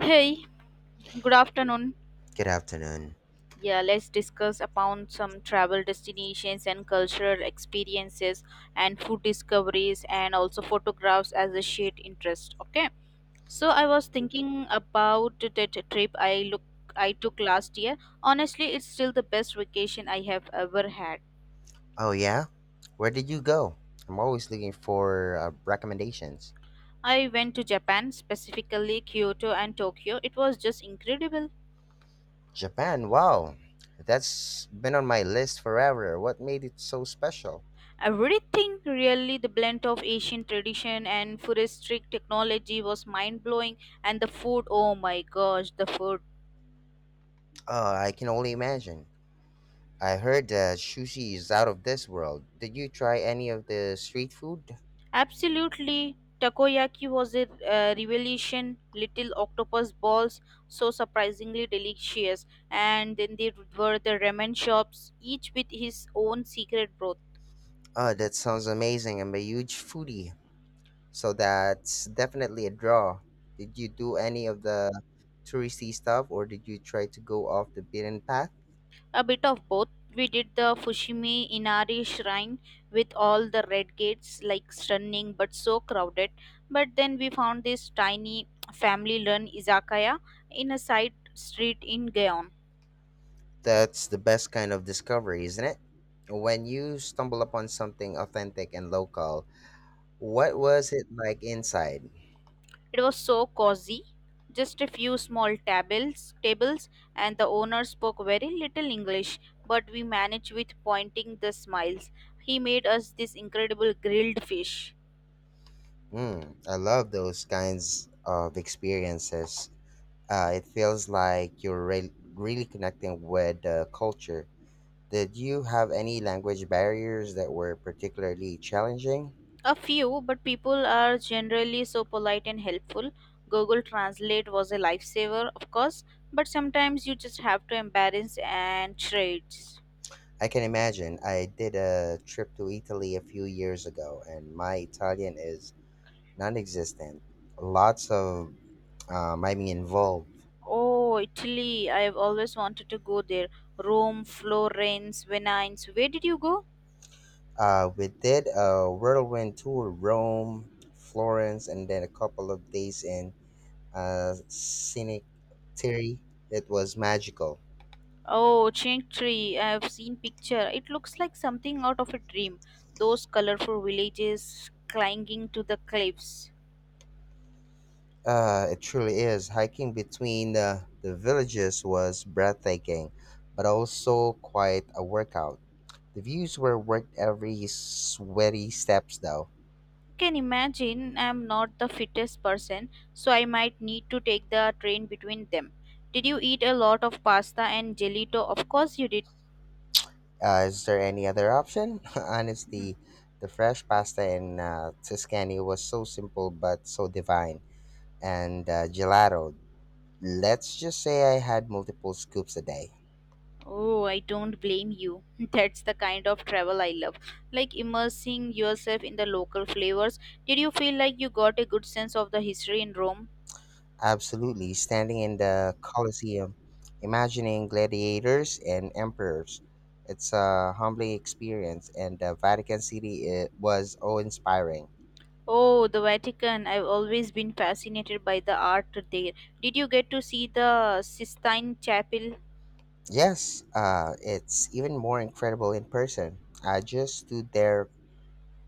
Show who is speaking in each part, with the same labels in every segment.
Speaker 1: Hey, good afternoon.
Speaker 2: Good afternoon.
Speaker 1: Yeah, let's discuss upon some travel destinations and cultural experiences and food discoveries and also photographs as a shared interest. Okay. So I was thinking about that trip I took last year. Honestly, it's still the best vacation I have ever had.
Speaker 2: Oh, yeah? Where did you go? I'm always looking for recommendations.
Speaker 1: I went to Japan, specifically Kyoto and Tokyo. It was just incredible.
Speaker 2: Japan, wow. That's been on my list forever. What made it so special?
Speaker 1: Everything really, the blend of Asian tradition and futuristic technology was mind blowing, and the food, oh my gosh, the food!
Speaker 2: Oh, I can only imagine. I heard that sushi is out of this world. Did you try any of the street food?
Speaker 1: Absolutely, takoyaki was a revelation. Little octopus balls, so surprisingly delicious, and then there were the ramen shops, each with his own secret broth.
Speaker 2: Oh, that sounds amazing. I'm a huge foodie. So that's definitely a draw. Did you do any of the touristy stuff or did you try to go off the beaten path?
Speaker 1: A bit of both. We did the Fushimi Inari shrine with all the red gates, like stunning but so crowded. But then we found this tiny family run izakaya in a side street in Gaon.
Speaker 2: That's the best kind of discovery, isn't it? When you stumble upon something authentic and local, what was it like inside?
Speaker 1: It was so cozy, just a few small tables, and the owner spoke very little English, but we managed with pointing the smiles. He made us this incredible grilled fish.
Speaker 2: Mm, I love those kinds of experiences. It feels like you're really connecting with the culture. Did you have any language barriers that were particularly challenging?
Speaker 1: A few, but people are generally so polite and helpful. Google Translate was a lifesaver, of course, but sometimes you just have to embarrass and trades.
Speaker 2: I can imagine. I did a trip to Italy a few years ago, and my Italian is non existent. Lots of I mean, involved.
Speaker 1: Oh, Italy! I have always wanted to go there. Rome, Florence, Venice. Where did you go?
Speaker 2: We did a whirlwind tour Rome, Florence, and then a couple of days in Scenic Terry. It was magical.
Speaker 1: Oh, Cinque Terre. I have seen picture. It looks like something out of a dream. Those colorful villages clinging to the cliffs.
Speaker 2: It truly is. Hiking between the villages was breathtaking, but also quite a workout. The views were worth every sweaty steps, though.
Speaker 1: Can imagine I'm not the fittest person, so I might need to take the train between them. Did you eat a lot of pasta and gelato? Of course you did.
Speaker 2: Is there any other option? Honestly, the fresh pasta in Tuscany was so simple but so divine. And gelato, let's just say I had multiple scoops a day.
Speaker 1: Oh, I don't blame you. That's the kind of travel I love. Like immersing yourself in the local flavors. Did you feel like you got a good sense of the history in Rome?
Speaker 2: Absolutely, standing in the Colosseum, imagining gladiators and emperors. It's a humbling experience, and the Vatican City, it was awe inspiring.
Speaker 1: Oh, the Vatican. I've always been fascinated by the art there. Did you get to see the Sistine Chapel?
Speaker 2: Yes, it's even more incredible in person. I just stood there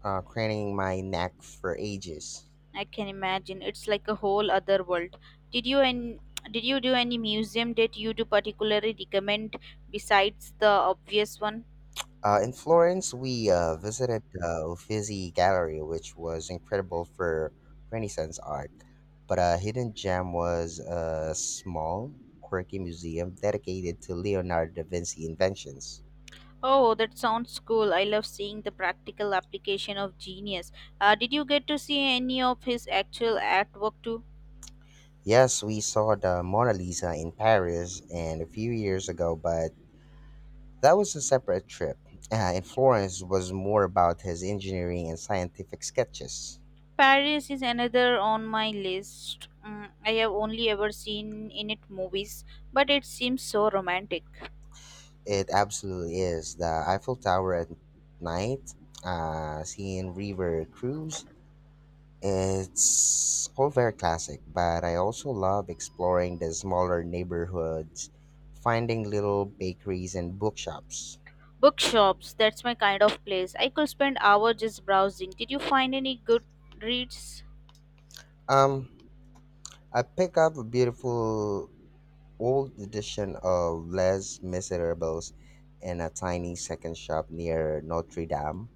Speaker 2: craning my neck for ages.
Speaker 1: I can imagine. It's like a whole other world. Did you and did you do any museum that you do particularly recommend besides the obvious one?
Speaker 2: In Florence, we visited the Uffizi Gallery, which was incredible for Renaissance art. But a hidden gem was a small, quirky museum dedicated to Leonardo da Vinci inventions.
Speaker 1: Oh, that sounds cool. I love seeing the practical application of genius. Did you get to see any of his actual artwork too?
Speaker 2: Yes, we saw the Mona Lisa in Paris and a few years ago, but that was a separate trip. In Florence was more about his engineering and scientific sketches.
Speaker 1: Paris is another on my list. I have only ever seen in it movies, but it seems so romantic.
Speaker 2: It absolutely is. The Eiffel Tower at night, seeing river cruise, it's all very classic, but I also love exploring the smaller neighborhoods, finding little bakeries and bookshops.
Speaker 1: Bookshops, that's my kind of place. I could spend hours just browsing. Did you find any good reads?
Speaker 2: Um, I pick up a beautiful old edition of Les Miserables in a tiny second shop near Notre Dame.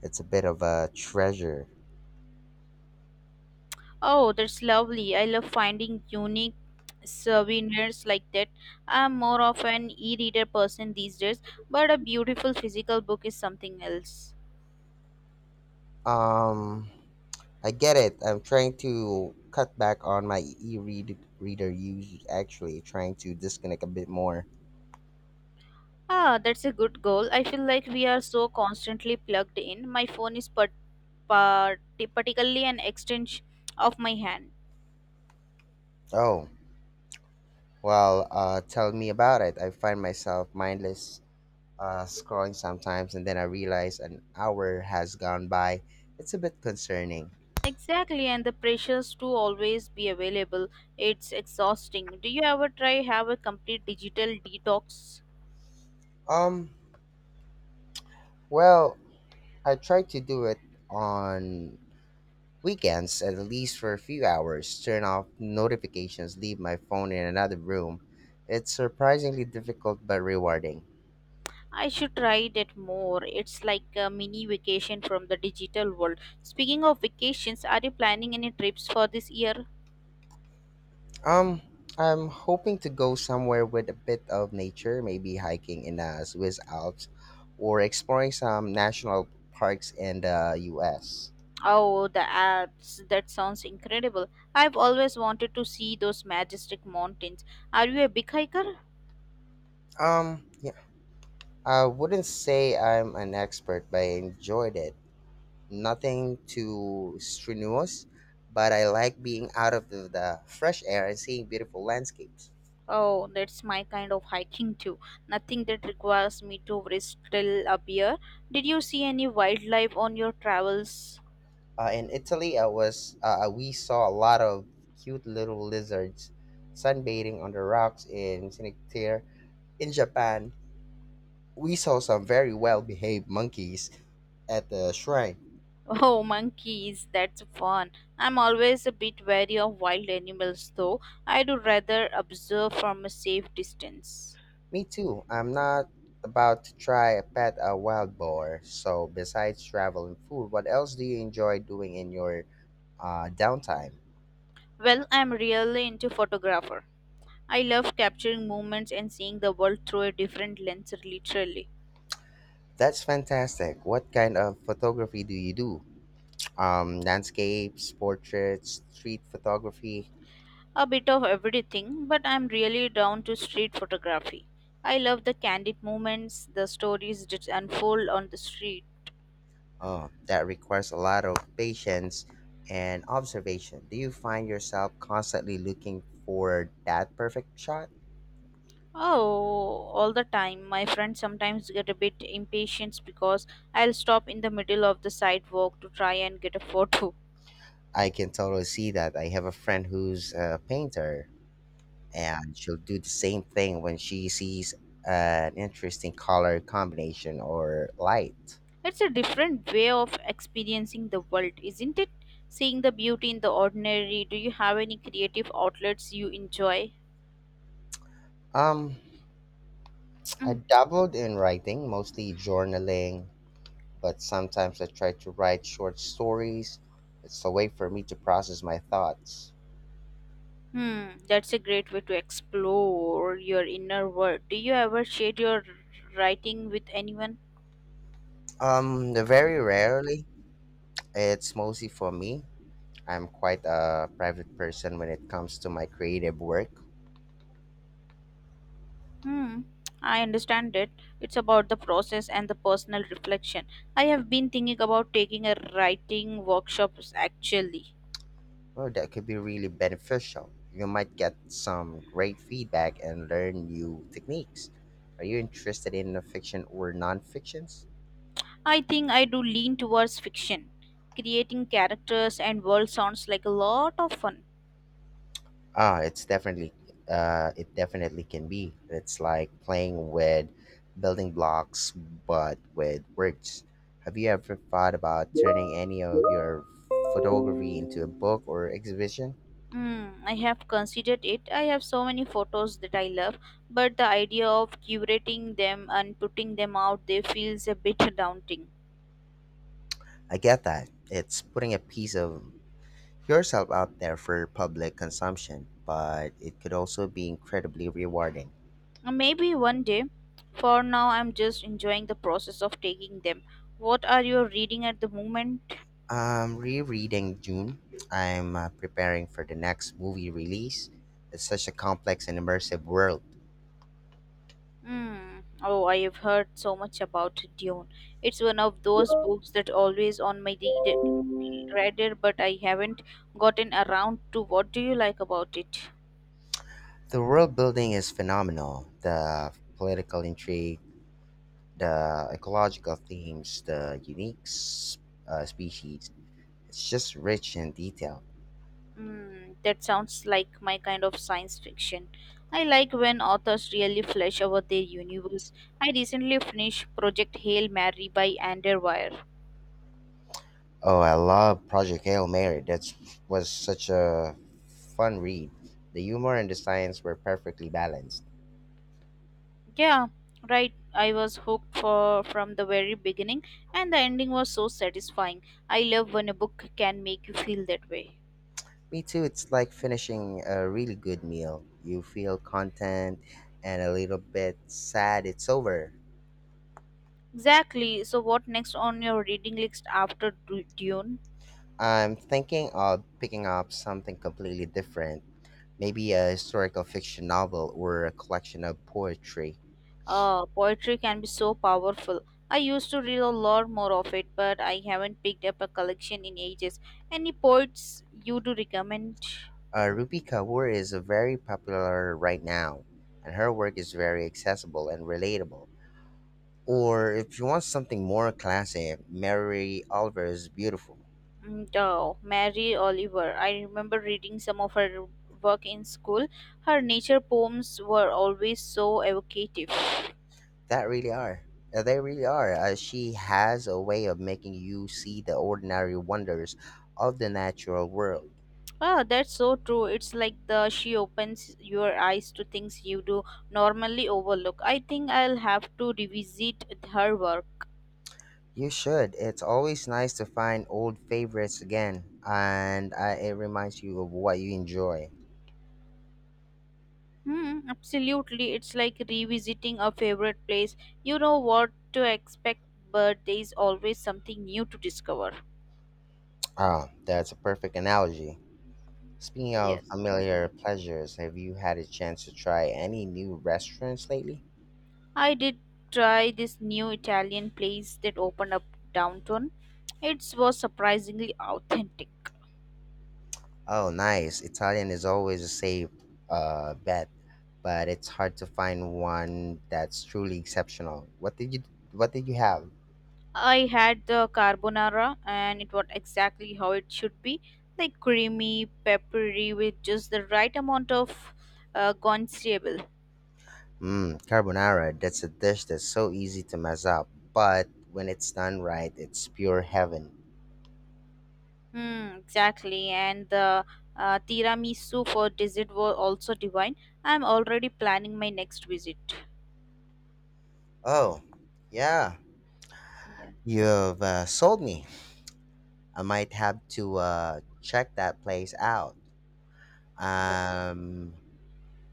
Speaker 2: It's a bit of a treasure.
Speaker 1: Oh, that's lovely. I love finding unique souvenirs like that. I'm more of an e reader person these days, but a beautiful physical book is something else.
Speaker 2: Um, I get it. I'm trying to cut back on my e-read reader use, actually trying to disconnect a bit more.
Speaker 1: Ah, that's a good goal. I feel like we are so constantly plugged in. My phone is particularly an extension of my hand.
Speaker 2: Oh, well, tell me about it. I find myself mindless scrolling sometimes and then I realize an hour has gone by. It's a bit concerning.
Speaker 1: Exactly, and the pressures to always be available. It's exhausting. Do you ever try have a complete digital detox?
Speaker 2: Um, well, I try to do it on weekends at least for a few hours. Turn off notifications, leave my phone in another room. It's surprisingly difficult but rewarding.
Speaker 1: I should try that more. It's like a mini vacation from the digital world. Speaking of vacations, are you planning any trips for this year?
Speaker 2: Um, I'm hoping to go somewhere with a bit of nature, maybe hiking in the Swiss Alps or exploring some national parks in the US.
Speaker 1: Oh, the Alps. That sounds incredible. I've always wanted to see those majestic mountains. Are you a big hiker?
Speaker 2: Yeah, I wouldn't say I'm an expert, but I enjoyed it. Nothing too strenuous, but I like being out of the fresh air and seeing beautiful landscapes.
Speaker 1: Oh, that's my kind of hiking too. Nothing that requires me to wrestle a bear. Did you see any wildlife on your travels?
Speaker 2: In Italy, I was we saw a lot of cute little lizards sunbathing on the rocks in Cinque Terre. In Japan, we saw some very well behaved monkeys at the shrine.
Speaker 1: Oh, monkeys, that's fun. I'm always a bit wary of wild animals though. I do rather observe from a safe distance.
Speaker 2: Me too. I'm not about to try a pet a wild boar. So, besides travel and food, what else do you enjoy doing in your downtime?
Speaker 1: Well, I'm really into photographer. I love capturing moments and seeing the world through a different lens literally.
Speaker 2: That's fantastic. What kind of photography do you do? Landscapes, portraits, street photography.
Speaker 1: A bit of everything, but I'm really down to street photography. I love the candid moments, the stories that unfold on the street.
Speaker 2: Oh, that requires a lot of patience and observation. Do you find yourself constantly looking for that perfect shot?
Speaker 1: Oh, all the time. My friends sometimes get a bit impatient because I'll stop in the middle of the sidewalk to try and get a photo.
Speaker 2: I can totally see that. I have a friend who's a painter, and she'll do the same thing when she sees an interesting color combination or light.
Speaker 1: It's a different way of experiencing the world, isn't it? Seeing the beauty in the ordinary. Do you have any creative outlets you enjoy?
Speaker 2: Um, I
Speaker 1: Mm.
Speaker 2: dabbled in writing, mostly journaling, but sometimes I try to write short stories. It's a way for me to process my thoughts.
Speaker 1: Hmm, that's a great way to explore your inner world. Do you ever share your writing with anyone?
Speaker 2: Very rarely. It's mostly for me. I'm quite a private person when it comes to my creative work.
Speaker 1: Hmm, I understand it. It's about the process and the personal reflection. I have been thinking about taking a writing workshops actually.
Speaker 2: Well, that could be really beneficial. You might get some great feedback and learn new techniques. Are you interested in the fiction or non-fictions?
Speaker 1: I think I do lean towards fiction. Creating characters and world sounds like a lot of fun.
Speaker 2: Ah, it's definitely it definitely can be. It's like playing with building blocks, but with words. Have you ever thought about turning any of your photography into a book or exhibition?
Speaker 1: Mm, I have considered it. I have so many photos that I love, but the idea of curating them and putting them out there feels a bit daunting.
Speaker 2: I get that. It's putting a piece of yourself out there for public consumption, but it could also be incredibly rewarding.
Speaker 1: Maybe one day. For now, I'm just enjoying the process of taking them. What are you reading at the moment?
Speaker 2: I'm rereading June. I'm preparing for the next movie release. It's such a complex and immersive world.
Speaker 1: Hmm. Oh, I have heard so much about Dune. It's one of those books that always on my radar, but I haven't gotten around to. What do you like about it?
Speaker 2: The world building is phenomenal. The political intrigue, the ecological themes, the unique species. It's just rich in detail.
Speaker 1: Mm, that sounds like my kind of science fiction. I like when authors really flesh out their universe. I recently finished Project Hail Mary by Ander Weir.
Speaker 2: Oh, I love Project Hail Mary. That was such a fun read. The humor and the science were perfectly balanced.
Speaker 1: Yeah, right. I was hooked for from the very beginning, and the ending was so satisfying. I love when a book can make you feel that way.
Speaker 2: Me too. It's like finishing a really good meal. You feel content and a little bit sad it's over.
Speaker 1: Exactly. So, what next on your reading list after Dune?
Speaker 2: I'm thinking of picking up something completely different, maybe a historical fiction novel or a collection of poetry.
Speaker 1: Poetry can be so powerful. I used to read a lot more of it, but I haven't picked up a collection in ages. Any poets you do recommend?
Speaker 2: Rupi Kaur is very popular right now, and her work is very accessible and relatable. Or if you want something more classy, Mary Oliver is beautiful.
Speaker 1: Mm, oh, Mary Oliver. I remember reading some of her work in school. Her nature poems were always so evocative.
Speaker 2: That really are. They really are. She has a way of making you see the ordinary wonders of the natural world.
Speaker 1: Ah, that's so true. It's like the she opens your eyes to things you do normally overlook. I think I'll have to revisit her work.
Speaker 2: You should. It's always nice to find old favorites again, and it reminds you of what you enjoy.
Speaker 1: Hmm, absolutely. It's like revisiting a favorite place. You know what to expect, but there is always something new to discover.
Speaker 2: Ah, that's a perfect analogy. Speaking of
Speaker 1: Yes.
Speaker 2: familiar pleasures, have you had a chance to try any new restaurants lately?
Speaker 1: I did try this new Italian place that opened up downtown. It was surprisingly authentic.
Speaker 2: Oh, nice. Italian is always a safe bet, but it's hard to find one that's truly exceptional. What did you have?
Speaker 1: I had the carbonara and it was exactly how it should be, like creamy, peppery with just the right amount of uh,
Speaker 2: Mmm, carbonara. That's a dish that's so easy to mess up, but when it's done right, it's pure heaven.
Speaker 1: Hmm, exactly. And the tiramisu for dessert was also divine. I'm already planning my next visit.
Speaker 2: Oh, yeah.
Speaker 1: Yeah,
Speaker 2: You've sold me. I might have to check that place out.
Speaker 1: yeah,
Speaker 2: I'm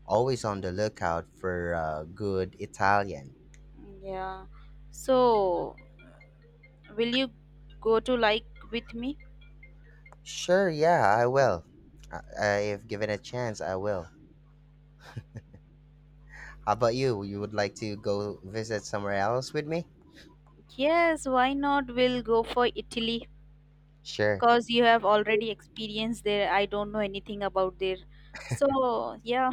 Speaker 2: always on the lookout for good Italian.
Speaker 1: yeah. So, will you go to like with me?
Speaker 2: Sure, yeah, I will. If given a chance, I will. How about you? You would like to go visit somewhere else with me?
Speaker 1: Yes, why not? We'll go for Italy
Speaker 2: Sure.
Speaker 1: because you have already experienced there. I don't know anything about there. So, yeah,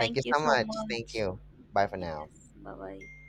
Speaker 2: Thank you
Speaker 1: you
Speaker 2: so
Speaker 1: so
Speaker 2: much. Thank
Speaker 1: much.
Speaker 2: you. Bye for now.
Speaker 1: Yes, bye bye.